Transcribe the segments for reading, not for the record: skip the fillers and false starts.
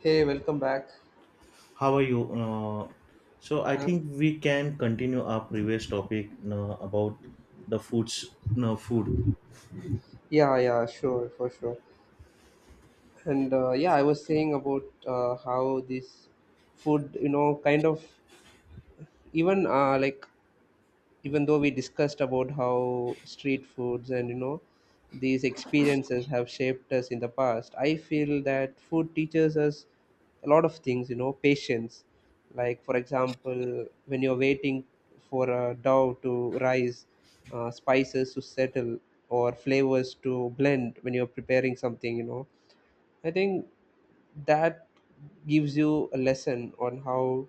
Hey, welcome back. How are you? So I Um, think we can continue our previous topic, no, about the foods, no, food. yeah, yeah, sure, for sure. And yeah, I was saying about how this food, kind of even like even though we discussed about how street foods and you know these experiences have shaped us in the past, I feel that food teaches us a lot of things, you know, patience, like for example when you're waiting for a dough to rise, spices to settle, or flavors to blend when you're preparing something, you know, I think that gives you a lesson on how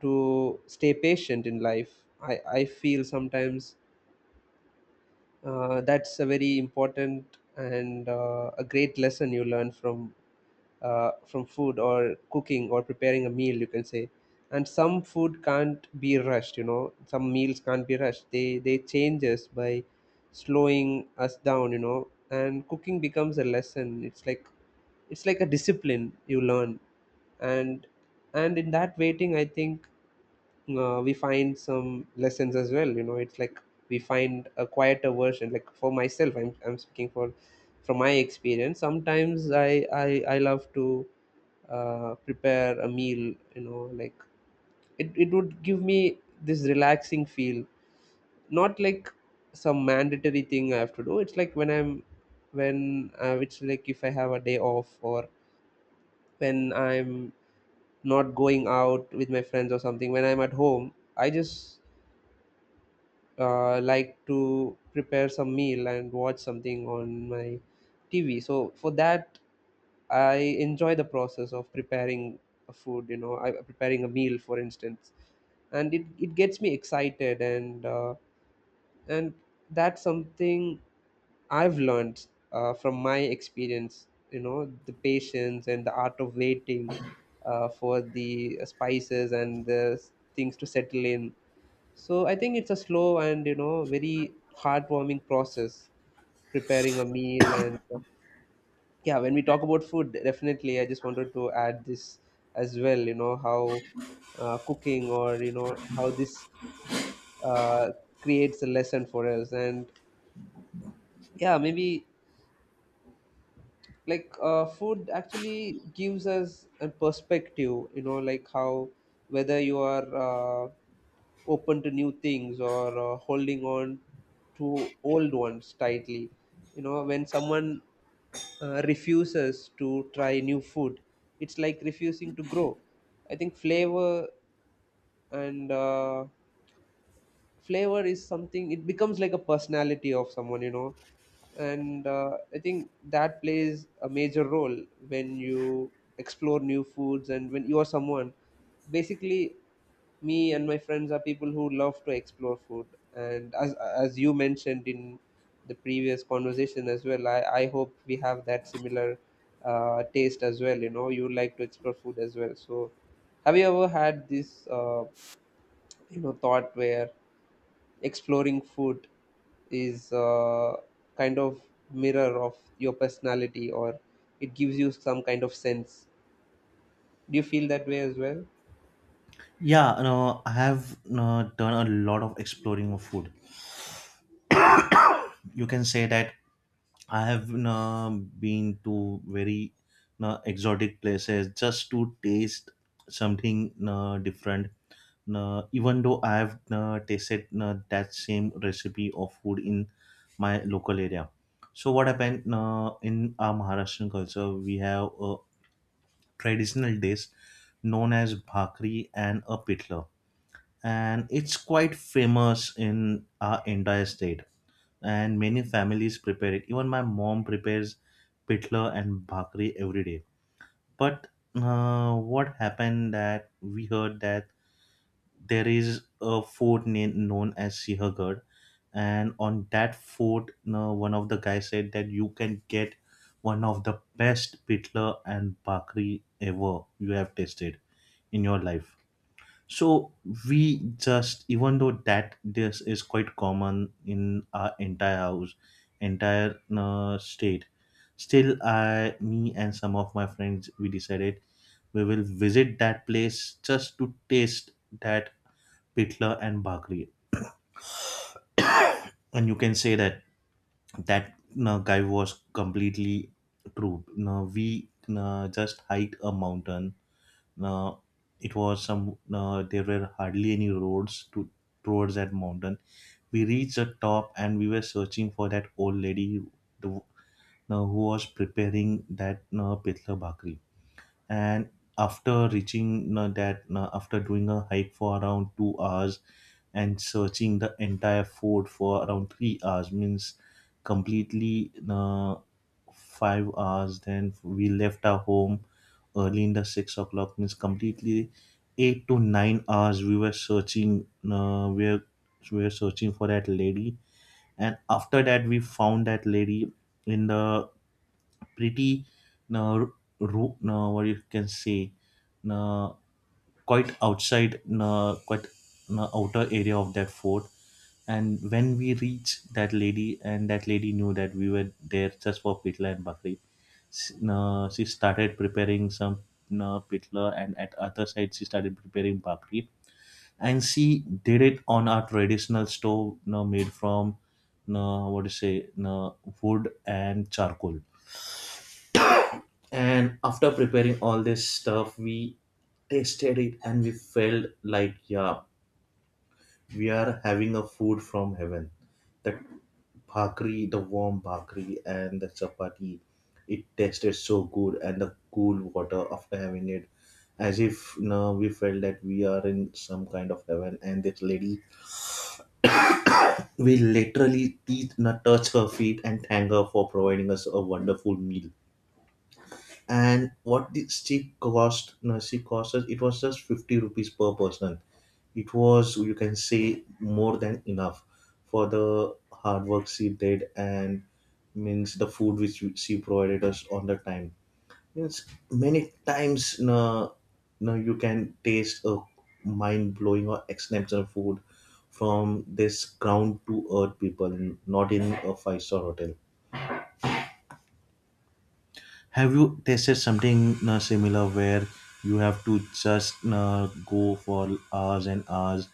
to stay patient in life. I feel sometimes that's a very important and a great lesson you learn from food or cooking or preparing a meal, you can say. And some food can't be rushed, you know, some meals can't be rushed, they change us by slowing us down, you know, and cooking becomes a lesson. It's like it's like a discipline you learn, and and in that waiting I think we find some lessons as well, you know, it's like we find a quieter version. Like for myself, I'm speaking for from my experience. Sometimes I love to prepare a meal, you know, like it would give me this relaxing feel, not like some mandatory thing I have to do. It's like when I'm when it's like if I have a day off or when I'm not going out with my friends or something, when I'm at home I just like to prepare some meal and watch something on my TV. So for that, I enjoy the process of preparing a food. Preparing a meal, for instance, and it gets me excited, and that's something I've learned from my experience. You know, the patience and the art of waiting for the spices and the things to settle in. So I think it's a slow and you know very heartwarming process preparing a meal. And yeah, when we talk about food, definitely I just wanted to add this as well, you know, how cooking or you know how this uh, creates a lesson for us. And yeah, maybe like food actually gives us a perspective, you know, like how, whether you are open to new things or holding on to old ones tightly, you know, when someone refuses to try new food, it's like refusing to grow. I think flavor and flavor is something, it becomes like a personality of someone, you know. And I think that plays a major role when you explore new foods. And when you are someone, basically me and my friends are people who love to explore food, and as you mentioned in the previous conversation as well, I hope we have that similar taste as well, you know, you like to explore food as well. So have you ever had this uh, you know, thought where exploring food is kind of mirror of your personality, or it gives you some kind of sense? Do you feel that way as well? Yeah, no, I have, no, done a lot of exploring of food. You can say that I have been to very exotic places just to taste something different. Even though I have tasted that same recipe of food in my local area. So what happened in our Maharashtrian culture? We have a traditional dish known as bhakri and a pitla, and it's quite famous in our entire state, and many families prepare it. Even my mom prepares pitla and bhakri every day. But what happened that we heard that there is a fort name known as Sihagarh, and on that fort, one of the guys said that you can get one of the best pitla and bhakri ever you have tasted in your life. So we just, even though that this is quite common in our entire house, entire state, still me and some of my friends, we decided we will visit that place just to taste that pitla and bhakri. And you can say that that guy was completely true. Now we just hiked a mountain. Now it was some. There were hardly any roads to towards that mountain. We reached the top, and we were searching for that old lady, the, no, who was preparing that, no, pitla bhakri. And after reaching, no, that, no, after doing a hike for around 2 hours and searching the entire fort for around 3 hours, means completely, no, 5 hours. Then we left our home early in the 6 o'clock, means completely 8 to 9 hours we were searching. We were searching for that lady, and after that we found that lady in the pretty uh, what you can say, uh, quite outside, quite outer area of that fort. And when we reached that lady, and that lady knew that we were there just for pitla and bakri, she started preparing some pitla, and at other side she started preparing bakri, and she did it on our traditional stove, you know, made from, you know, what do you say, you know, wood and charcoal. And after preparing all this stuff, we tasted it, and we felt like, yeah, we are having a food from heaven. The bhakri, the warm bhakri and the chapati, it tasted so good, and the cool water after having it, as if, you know, we felt that we are in some kind of heaven. And this lady, we literally teeth na touch her feet and thank her for providing us a wonderful meal. And what did she cost? No, she cost us. It was just 50 rupees per person. It was, you can say, more than enough for the hard work she did, and means the food which she provided us on the time. Yes, many times, no, no, you can taste a mind blowing or exceptional food from this ground to earth people, and not in a five-star hotel. Have you tasted something, no, similar, where you have to just, no, go for hours and hours,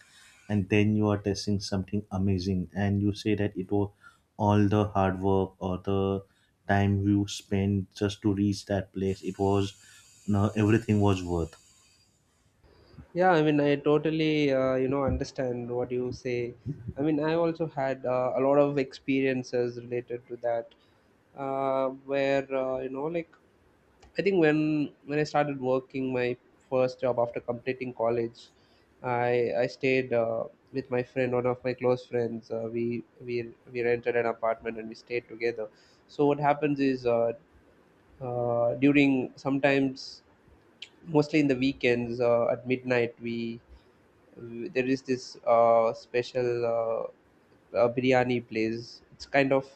and then you are tasting something amazing, and you say that it was all the hard work or the time you spent just to reach that place, it was, no, everything was worth. Yeah, I mean I totally you know, understand what you say. I mean I also had a lot of experiences related to that, where you know, like I think when I started working my first job after completing college, I stayed with my friend, one of my close friends. We rented an apartment and we stayed together. So what happens is during sometimes, mostly in the weekends, at midnight, we there is this special uh, biryani place. It's kind of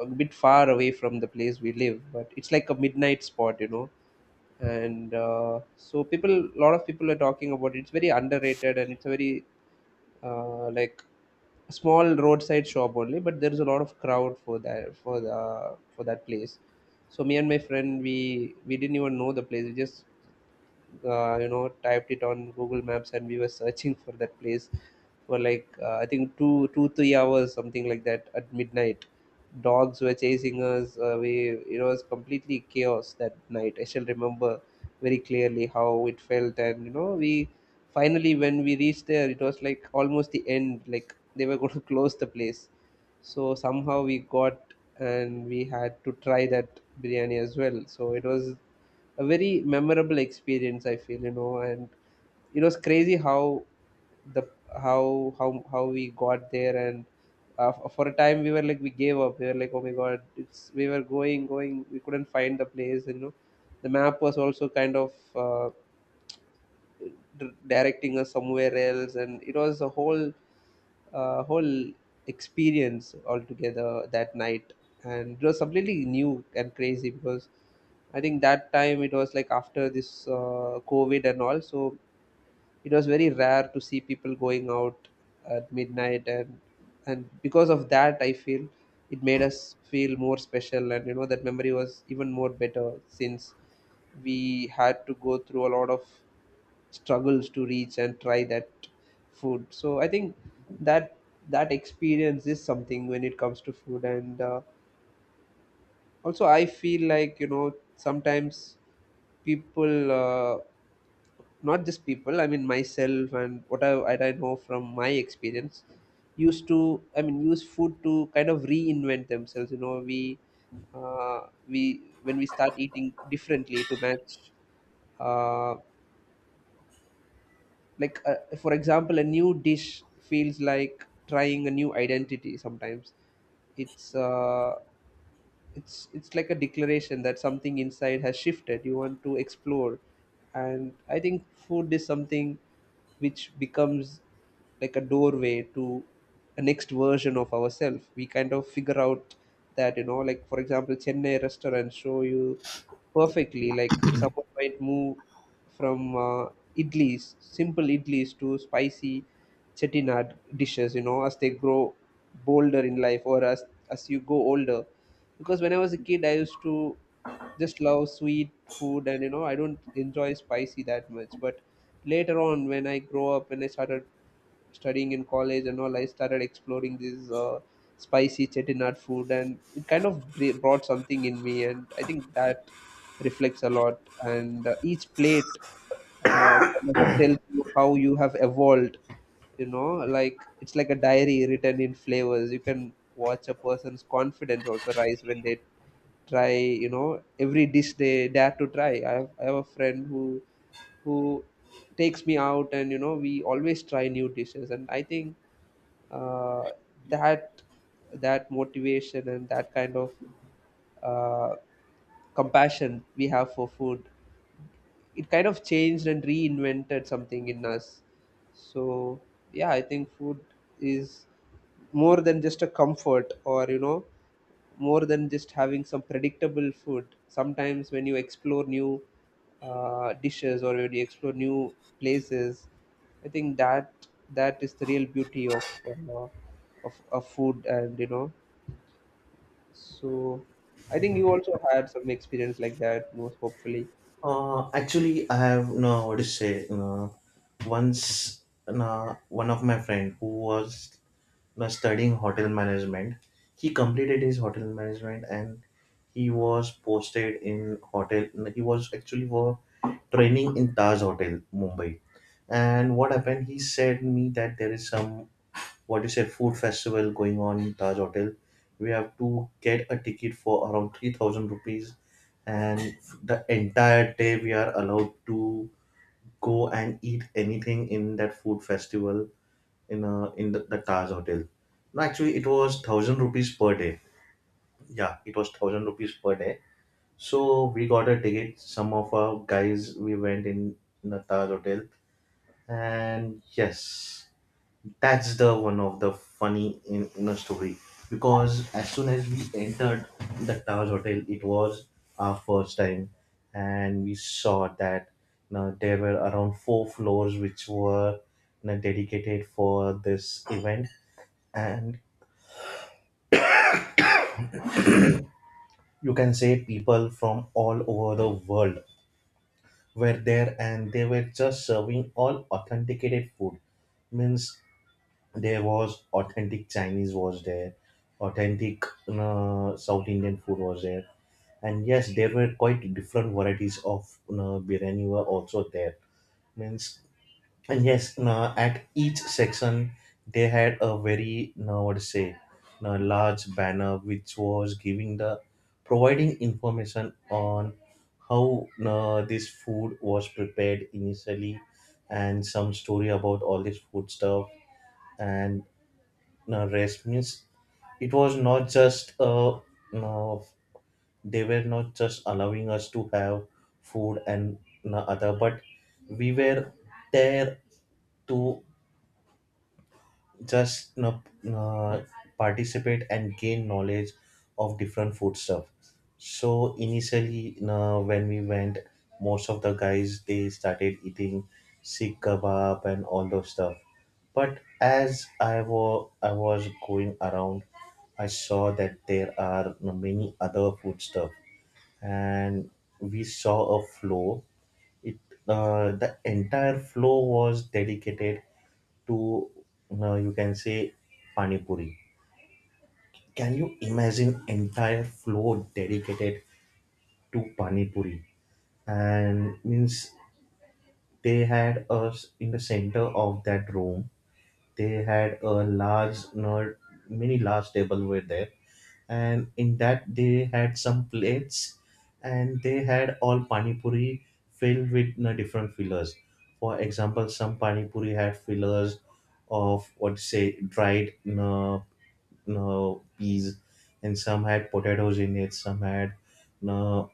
a bit far away from the place we live, but it's like a midnight spot, you know. And so people, a lot of people are talking about it. It's very underrated and it's a very like small roadside shop only, but there's a lot of crowd for that, for the, for that place. So me and my friend, we didn't even know the place, we just you know, typed it on Google Maps and we were searching for that place for like I think two two three hours, something like that, at midnight. Dogs were chasing us, we it was completely chaos that night. I still remember very clearly how it felt. And you know, we finally, when we reached there, it was like almost the end, like they were going to close the place. So somehow we got and we had to try that biryani as well. So it was a very memorable experience, I feel, you know. And you know, it's crazy how the how we got there. And for a time we were like we gave up, we were like, oh my god, it's, we were going, we couldn't find the place, you know, the map was also kind of directing us somewhere else. And it was a whole whole experience altogether that night. And it was completely new and crazy because I think that time it was like after this COVID and all. So it was very rare to see people going out at midnight. And because of that, I feel it made us feel more special. And you know, that memory was even more better since we had to go through a lot of struggles to reach and try that food. So I think that that experience is something when it comes to food. And also I feel like, you know, sometimes people not just people, I mean myself, and what I know from my experience, used to, I mean, use food to kind of reinvent themselves, you know, we when we start eating differently to match uh, like for example, a new dish feels like trying a new identity sometimes. It's it's like a declaration that something inside has shifted, you want to explore. And I think food is something which becomes like a doorway to a next version of ourselves. We kind of figure out that, you know, like for example Chennai restaurants show you perfectly. Like someone might move from idlis, simple idlis, to spicy Chettinad dishes. You know, as they grow bolder in life, or as you go older. Because when I was a kid, I used to just love sweet food, and you know, I don't enjoy spicy that much. But later on, when I grow up and I started studying in college and all, I started exploring this spicy Chettinad food, and it kind of brought something in me, and I think that reflects a lot. And each plate kind of tells you how you have evolved. You know, like it's like a diary written in flavors. You can watch a person's confidence also rise when they try, you know, every dish they dare to try. I have a friend who takes me out, and you know, we always try new dishes. And I think uh, that that motivation and that kind of uh, compassion we have for food, it kind of changed and reinvented something in us. So yeah, I think food is more than just a comfort, or you know, more than just having some predictable food. Sometimes when you explore new dishes, or when you explore new places, I think that that is the real beauty of of food, and you know. So I think you also had some experience like that, most hopefully. Actually, I have, no, what to say. Once one of my friend who was studying hotel management, he completed his hotel management and he was posted in hotel. He was actually for training in Taj Hotel, Mumbai. And what happened? He said me that there is some, what you said, food festival going on in Taj Hotel. We have to get a ticket for around 3000 rupees, and the entire day we are allowed to go and eat anything in that food festival in a, in the Taj Hotel. No, actually, it was 1000 rupees per day. Yeah, it was 1000 rupees per day. So we got a ticket. Some of our guys, we went in the Taj Hotel, and yes, that's the one of the funny in a story, because as soon as we entered the Taj Hotel, it was our first time, and we saw that, you know, there were around four floors which were, you know, dedicated for this event, and you can say people from all over the world were there, and they were just serving all authenticated food. Means there was authentic Chinese was there, authentic South Indian food was there, and yes there were quite different varieties of biryani were also there. Means, and yes at each section they had a very what to say, large banner which was giving the providing information on how this food was prepared initially, and some story about all this food stuff. And rest means it was not just uh, they were not just allowing us to have food and other, but we were there to just, you know, uh, participate and gain knowledge of different food stuff. So initially, you know, when we went, most of the guys they started eating sikh kebab and all those stuff. But as I was going around, I saw that there are, you know, many other food stuff, and we saw a flow. It, the entire flow was dedicated to, you can say, pani puri. Can you imagine entire floor dedicated to pani puri? And means they had us in the center of that room. They had a large, not many large table were there, and in that they had some plates, and they had all pani puri filled with, you know, different fillers. For example, some pani puri had fillers of what you say dried uh, no peas, and some had potatoes in it, some had no,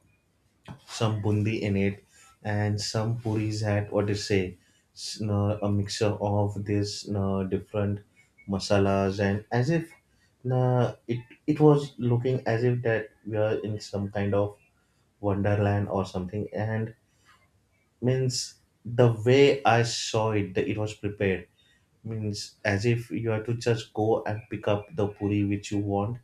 some bundi in it, and some puris had, what to say, s- no, a mixture of this, no, different masalas, and as if, no, it was looking as if that we are in some kind of wonderland or something. And means the way I saw it, that it was prepared, means as if you have to just go and pick up the puri which you want,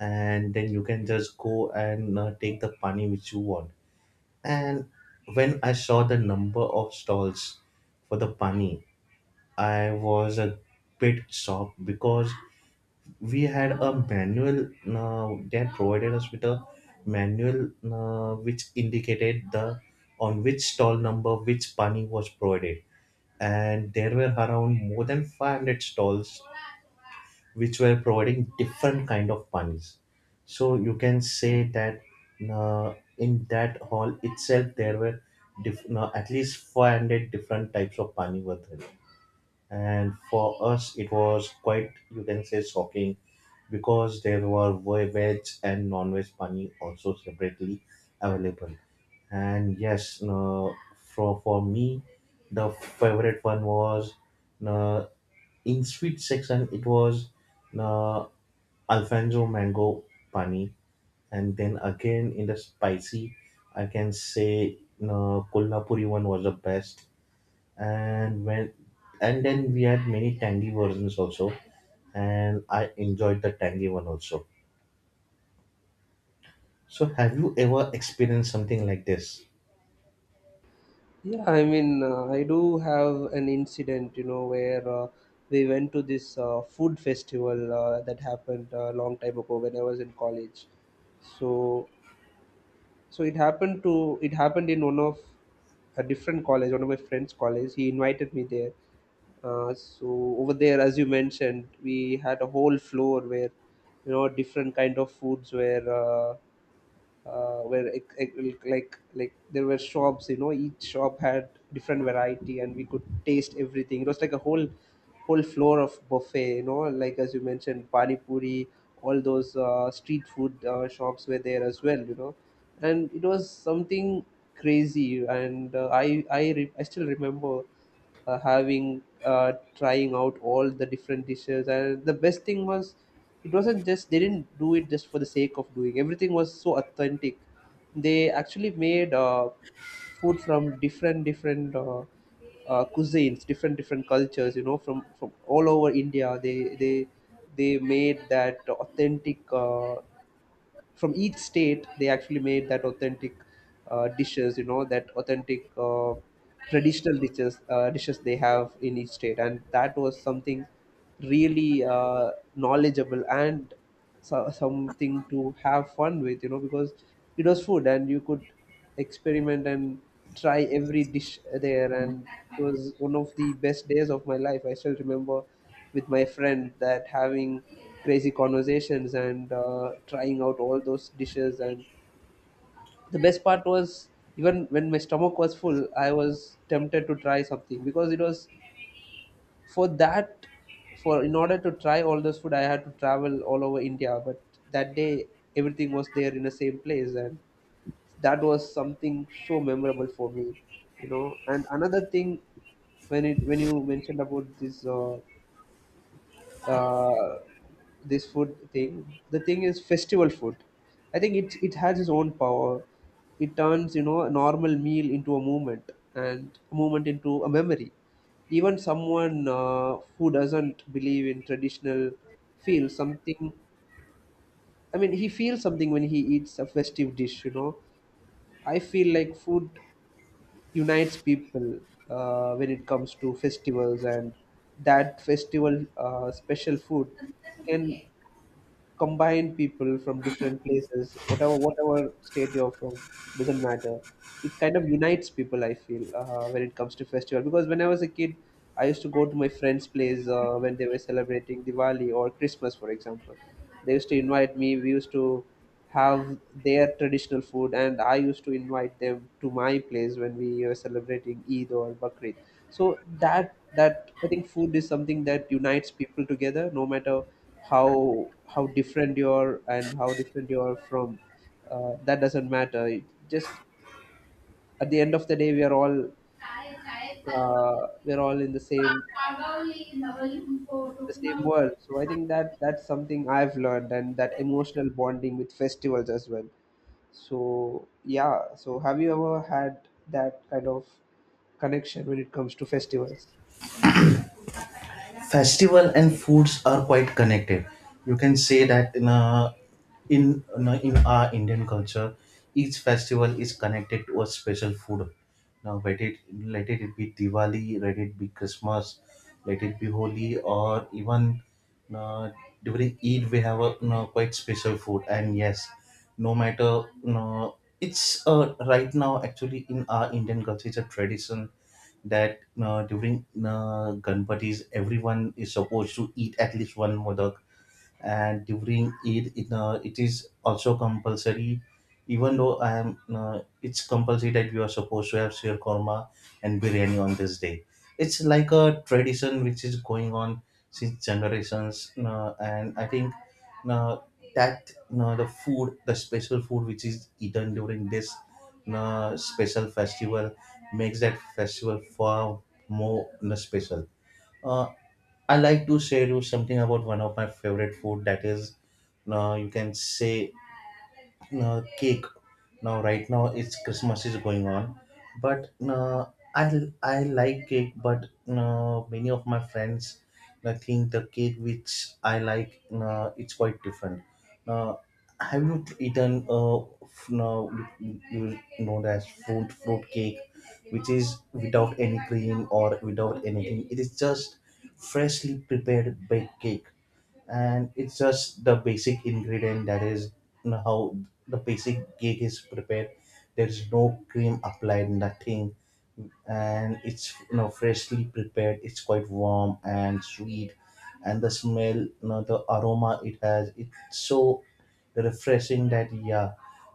and then you can just go and take the pani which you want. And when I saw the number of stalls for the pani, I was a bit shocked, because we had a manual, they had provided us with a manual, which indicated the on which stall number which pani was provided, and there were around more than 500 stalls which were providing different kind of panis. So you can say that in that hall itself there were at least 400 different types of pani were there. And for us it was quite, you can say, shocking, because there were veg and non-veg pani also separately available. And yes, for me, the favorite one was, uh, in sweet section it was, uh, Alfonso mango pani, and then again in the spicy, I can say Kolhapuri one was the best. And when and then we had many tangy versions also, and I enjoyed the tangy one also. So have you ever experienced something like this? Yeah, I mean I do have an incident, you know, where we went to this food festival that happened a long time ago when I was in college. So it happened in one of a different college, one of my friend's college. He invited me there. So over there, as you mentioned, we had a whole floor where different kind of foods were where like there were shops, you know, each shop had different variety and we could taste everything. It was like a whole floor of buffet, you know, like as you mentioned pani puri, all those street food shops were there as well, you know. And it was something crazy. And I still remember having trying out all the different dishes. And the best thing was it wasn't just, they didn't do it just for the sake of doing, everything was so authentic. They actually made food from different different cuisines, different different cultures, you know, from all over India. They made that authentic from each state. They actually made that authentic dishes, you know, that authentic traditional dishes, dishes they have in each state. And that was something really knowledgeable and so, something to have fun with, you know, because it was food and you could experiment and try every dish there. And it was one of the best days of my life. I still remember with my friend that having crazy conversations and trying out all those dishes. And the best part was even when my stomach was full, I was tempted to try something, because it was for that, for in order to try all those food I had to travel all over India, but that day everything was there in the same place. And that was something so memorable for me, you know. And another thing, when it, when you mentioned about this uh, this food thing, the thing is festival food, I think it it has its own power. It turns, you know, a normal meal into a movement and a movement into a memory. Even someone who doesn't believe in traditional feels something. I mean, he feels something when he eats a festive dish, you know. I feel like food unites people when it comes to festivals. And that festival special food can combine people from different places. Whatever whatever state you're from, doesn't matter. It kind of unites people, I feel, when it comes to festival. Because when I was a kid, I used to go to my friends' place when they were celebrating Diwali or Christmas, for example. They used to invite me. We used to have their traditional food, and I used to invite them to my place when we were celebrating Eid or Bakrid. So that that I think food is something that unites people together, no matter how different you're and how different you're from. That doesn't matter, it just, at the end of the day we are all, we're all in the same, the same world. So I think that that's something I've learned, and that emotional bonding with festivals as well. So yeah, so have you ever had that kind of connection when it comes to festivals? Festival and foods are quite connected. You can say that in a, in our Indian culture, each festival is connected to a special food. Now let it, let it be Diwali, let it be Christmas, let it be Holi, or even uh, during Eid we have a, you know, quite special food. And yes, no matter, you know, it's right now actually in our Indian culture it's a tradition that during Ganpatis, everyone is supposed to eat at least one modak, and during Eid, it, it is also compulsory. Even though I am, it's compulsory that you are supposed to have sheer korma and biryani on this day. It's like a tradition which is going on since generations, and I think now, that now the food, the special food which is eaten during this now special festival, makes that festival far more, now, special. Uh, I like to share you something about one of my favorite food, that is, now you can say, now cake. Now right now it's Christmas is going on. But I like cake, but many of my friends think the cake which I like it's quite different. Uh, have you eaten f- no, you you know as fruit cake, which is without any cream or without anything? It is just freshly prepared baked cake, and it's just the basic ingredient, that is how the basic cake is prepared. There is no cream applied, nothing, and it's, you know, freshly prepared. It's quite warm and sweet, and the smell, you know, the aroma it has, it's so refreshing that, yeah,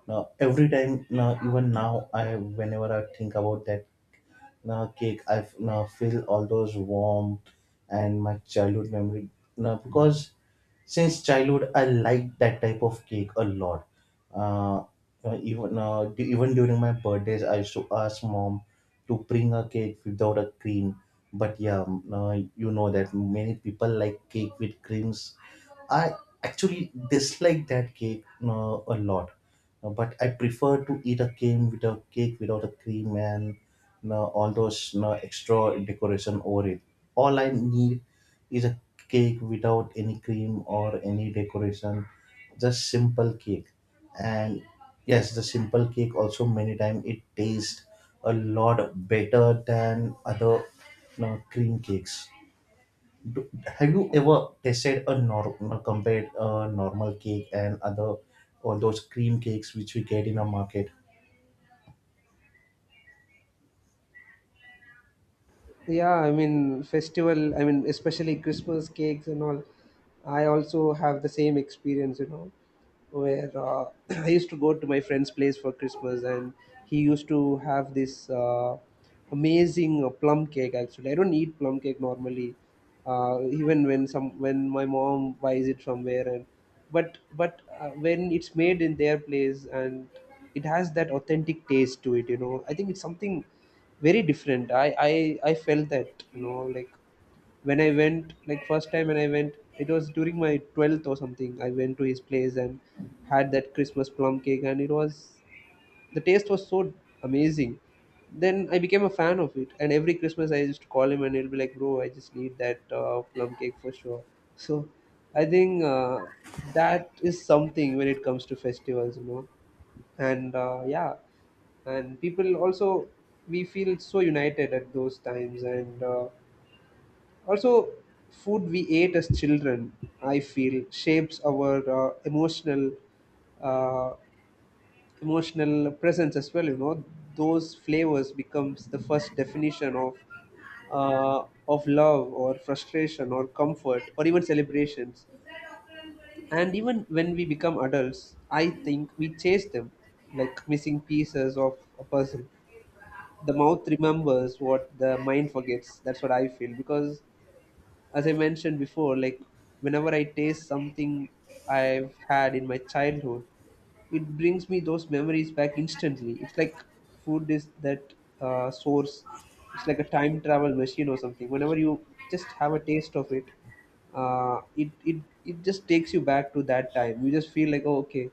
now every time, now even now, I whenever I think about that now cake, I now feel all those warm and my childhood memory now, because since childhood I like that type of cake a lot. uh, Even even during my birthdays I used to ask mom to bring a cake without a cream. But yeah, you know that many people like cake with creams. I actually dislike that cake a lot. But I prefer to eat a cake without a cream and, you know, all those, you know, extra decoration over it. All I need is a cake without any cream or any decoration, just simple cake. And yes, the simple cake also many times it tastes a lot better than other, you know, cream cakes. Do- Have you ever tasted a normal, compared a normal cake and other or those cream cakes which we get in a market? Yeah, I mean festival, I mean especially Christmas cakes and all, I also have the same experience, you know, where I used to go to my friend's place for Christmas, and he used to have this amazing plum cake. Actually I don't eat plum cake normally, even when some, when my mom buys it somewhere, and but when it's made in their place and it has that authentic taste to it, you know, I think it's something very different. I felt that, you know, like when I went, like first time when I went, it was during my 12th or something. I went to his place and had that Christmas plum cake, and it was, the taste was so amazing. Then I became a fan of it, and every Christmas I used to call him and he'll be like, bro, I just need that plum cake for sure. So I think that is something when it comes to festivals, you know. And yeah, and people also, we feel so united at those times. And also food we ate as children, I feel, shapes our uh, emotional uh, emotional presence as well, you know. Those flavors becomes the first definition of love or frustration or comfort or even celebrations. And even when we become adults, I think we chase them like missing pieces of a puzzle. The mouth remembers what the mind forgets, that's what I feel. Because as I mentioned before, like whenever I taste something I've had in my childhood, it brings me those memories back instantly. It's like food is that source. It's like a time travel machine or something. Whenever you just have a taste of it, it just takes you back to that time. You just feel like, oh, okay,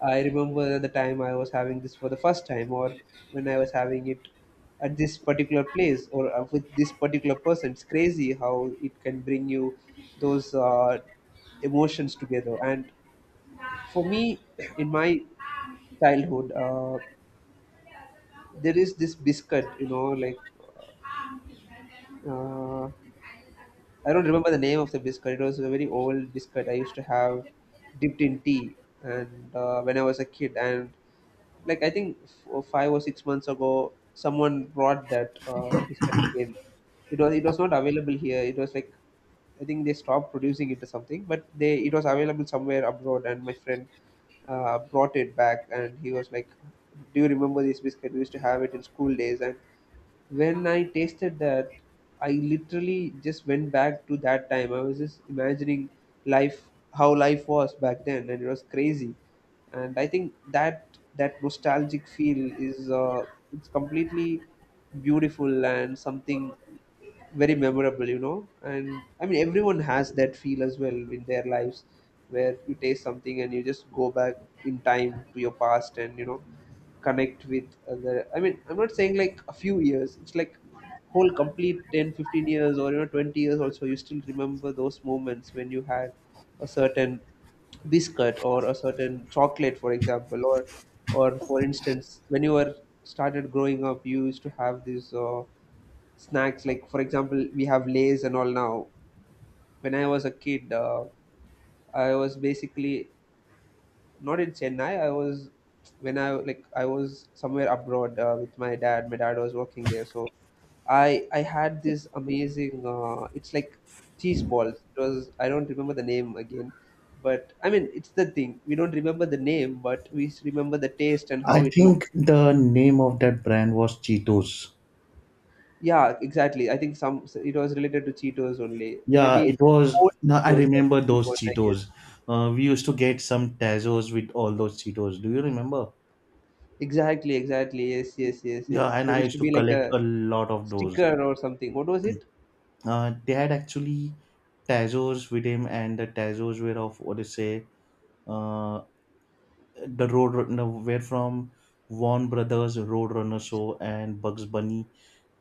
I remember the time I was having this for the first time, or when I was having it at this particular place or with this particular person. It's crazy how it can bring you those emotions together. And for me, in my childhood, there is this biscuit, you know, like. Uh, I don't remember the name of the biscuit. It was a very old biscuit I used to have dipped in tea, and when I was a kid, and like I think 5 or 6 months ago, someone brought that biscuit again. It was not available here. It was like, I think they stopped producing it or something, but they, it was available somewhere abroad, and my friend brought it back, and he was like, "Do you remember this biscuit? We used to have it in school days." And when I tasted that, I literally just went back to that time. I was just imagining life, how life was back then, and it was crazy. And I think that that nostalgic feel is it's completely beautiful and something very memorable, you know. And I mean, everyone has that feel as well in their lives, where you taste something and you just go back in time to your past, and you know, connect with other. I mean, I'm not saying like a few years, it's like whole complete 10, 15 years, or you know, 20 years also, you still remember those moments when you had a certain biscuit or a certain chocolate, for example, or for instance when you were started growing up, you used to have these snacks, like for example we have Lays and all. Now when I was a kid, I was basically not in Chennai. I was, when I, like, I was somewhere abroad with my dad. My dad was working there, so I had this amazing. It's like cheese balls. It was, I don't remember the name again, but I mean it's the thing, we don't remember the name, but we remember the taste and how I it looked. think the name of that brand was Cheetos. Yeah, exactly. I think some, it was related to Cheetos only. Yeah, Maybe it was. old No, I Cheetos, the remember fifty those one, I guess. Cheetos. We used to get some Tazos with all those Cheetos. Do you remember? Exactly, exactly. Yes, yes, yes, Yeah, yes. and There I used to used to be like collect a a lot of those. sticker or something. What was it? They had actually Tazos with him, and the Tazos were of what to say, uh, the road, no, where from Warner Brothers Roadrunner show and Bugs Bunny,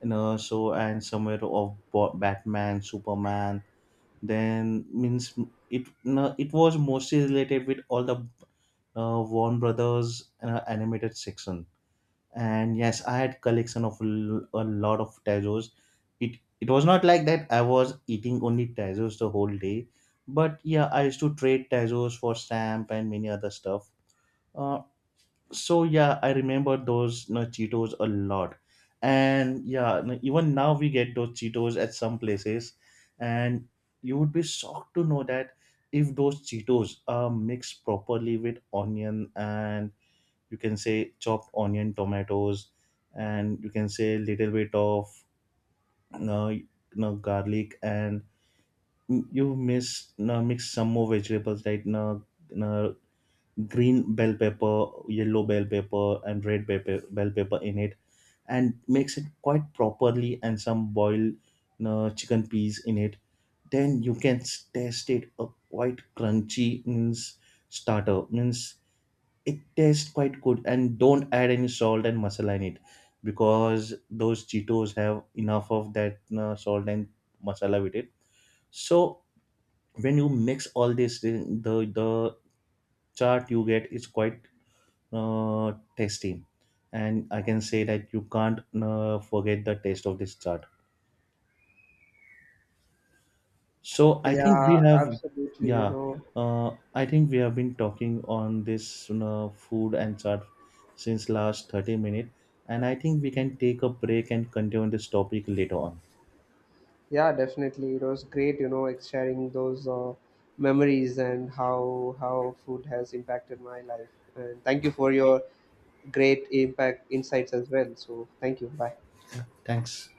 you know, show and somewhere of Batman, Superman. Then means it, no, it was mostly related with all the Warner Brothers animated section. And yes, I had collection of a lot of Tazos. It was not like that I was eating only Tazos the whole day, but yeah, I used to trade Tazos for stamp and many other stuff. Uh, so yeah, I remember those, you know, Cheetos a lot. And yeah, even now we get those Cheetos at some places. And you would be shocked to know that if those Cheetos are mixed properly with onion and, you can say, chopped onion, tomatoes, and, you can say, little bit of, no, you know, garlic, and you miss you mix some more vegetables like, no, no, green bell pepper, yellow bell pepper, and red pepper, bell pepper in it, and makes it quite properly, and some boiled chicken peas in it. Then you can taste it a quite crunchy means starter means it tastes quite good. And don't add any salt and masala in it because those Cheetos have enough of that salt and masala with it. So when you mix all this, the the chart you get is quite tasty, and I can say that you can't forget the taste of this chart. So I think Yeah, we have, absolutely. You yeah, know, I think we have been talking on this, you know, food and chart since last 30 minutes, and I think we can take a break and continue this topic later on. yeah, definitely. It was great, you know, sharing those memories and how food has impacted my life. And thank you for your great impact insights as well. So thank you. Bye. Thanks.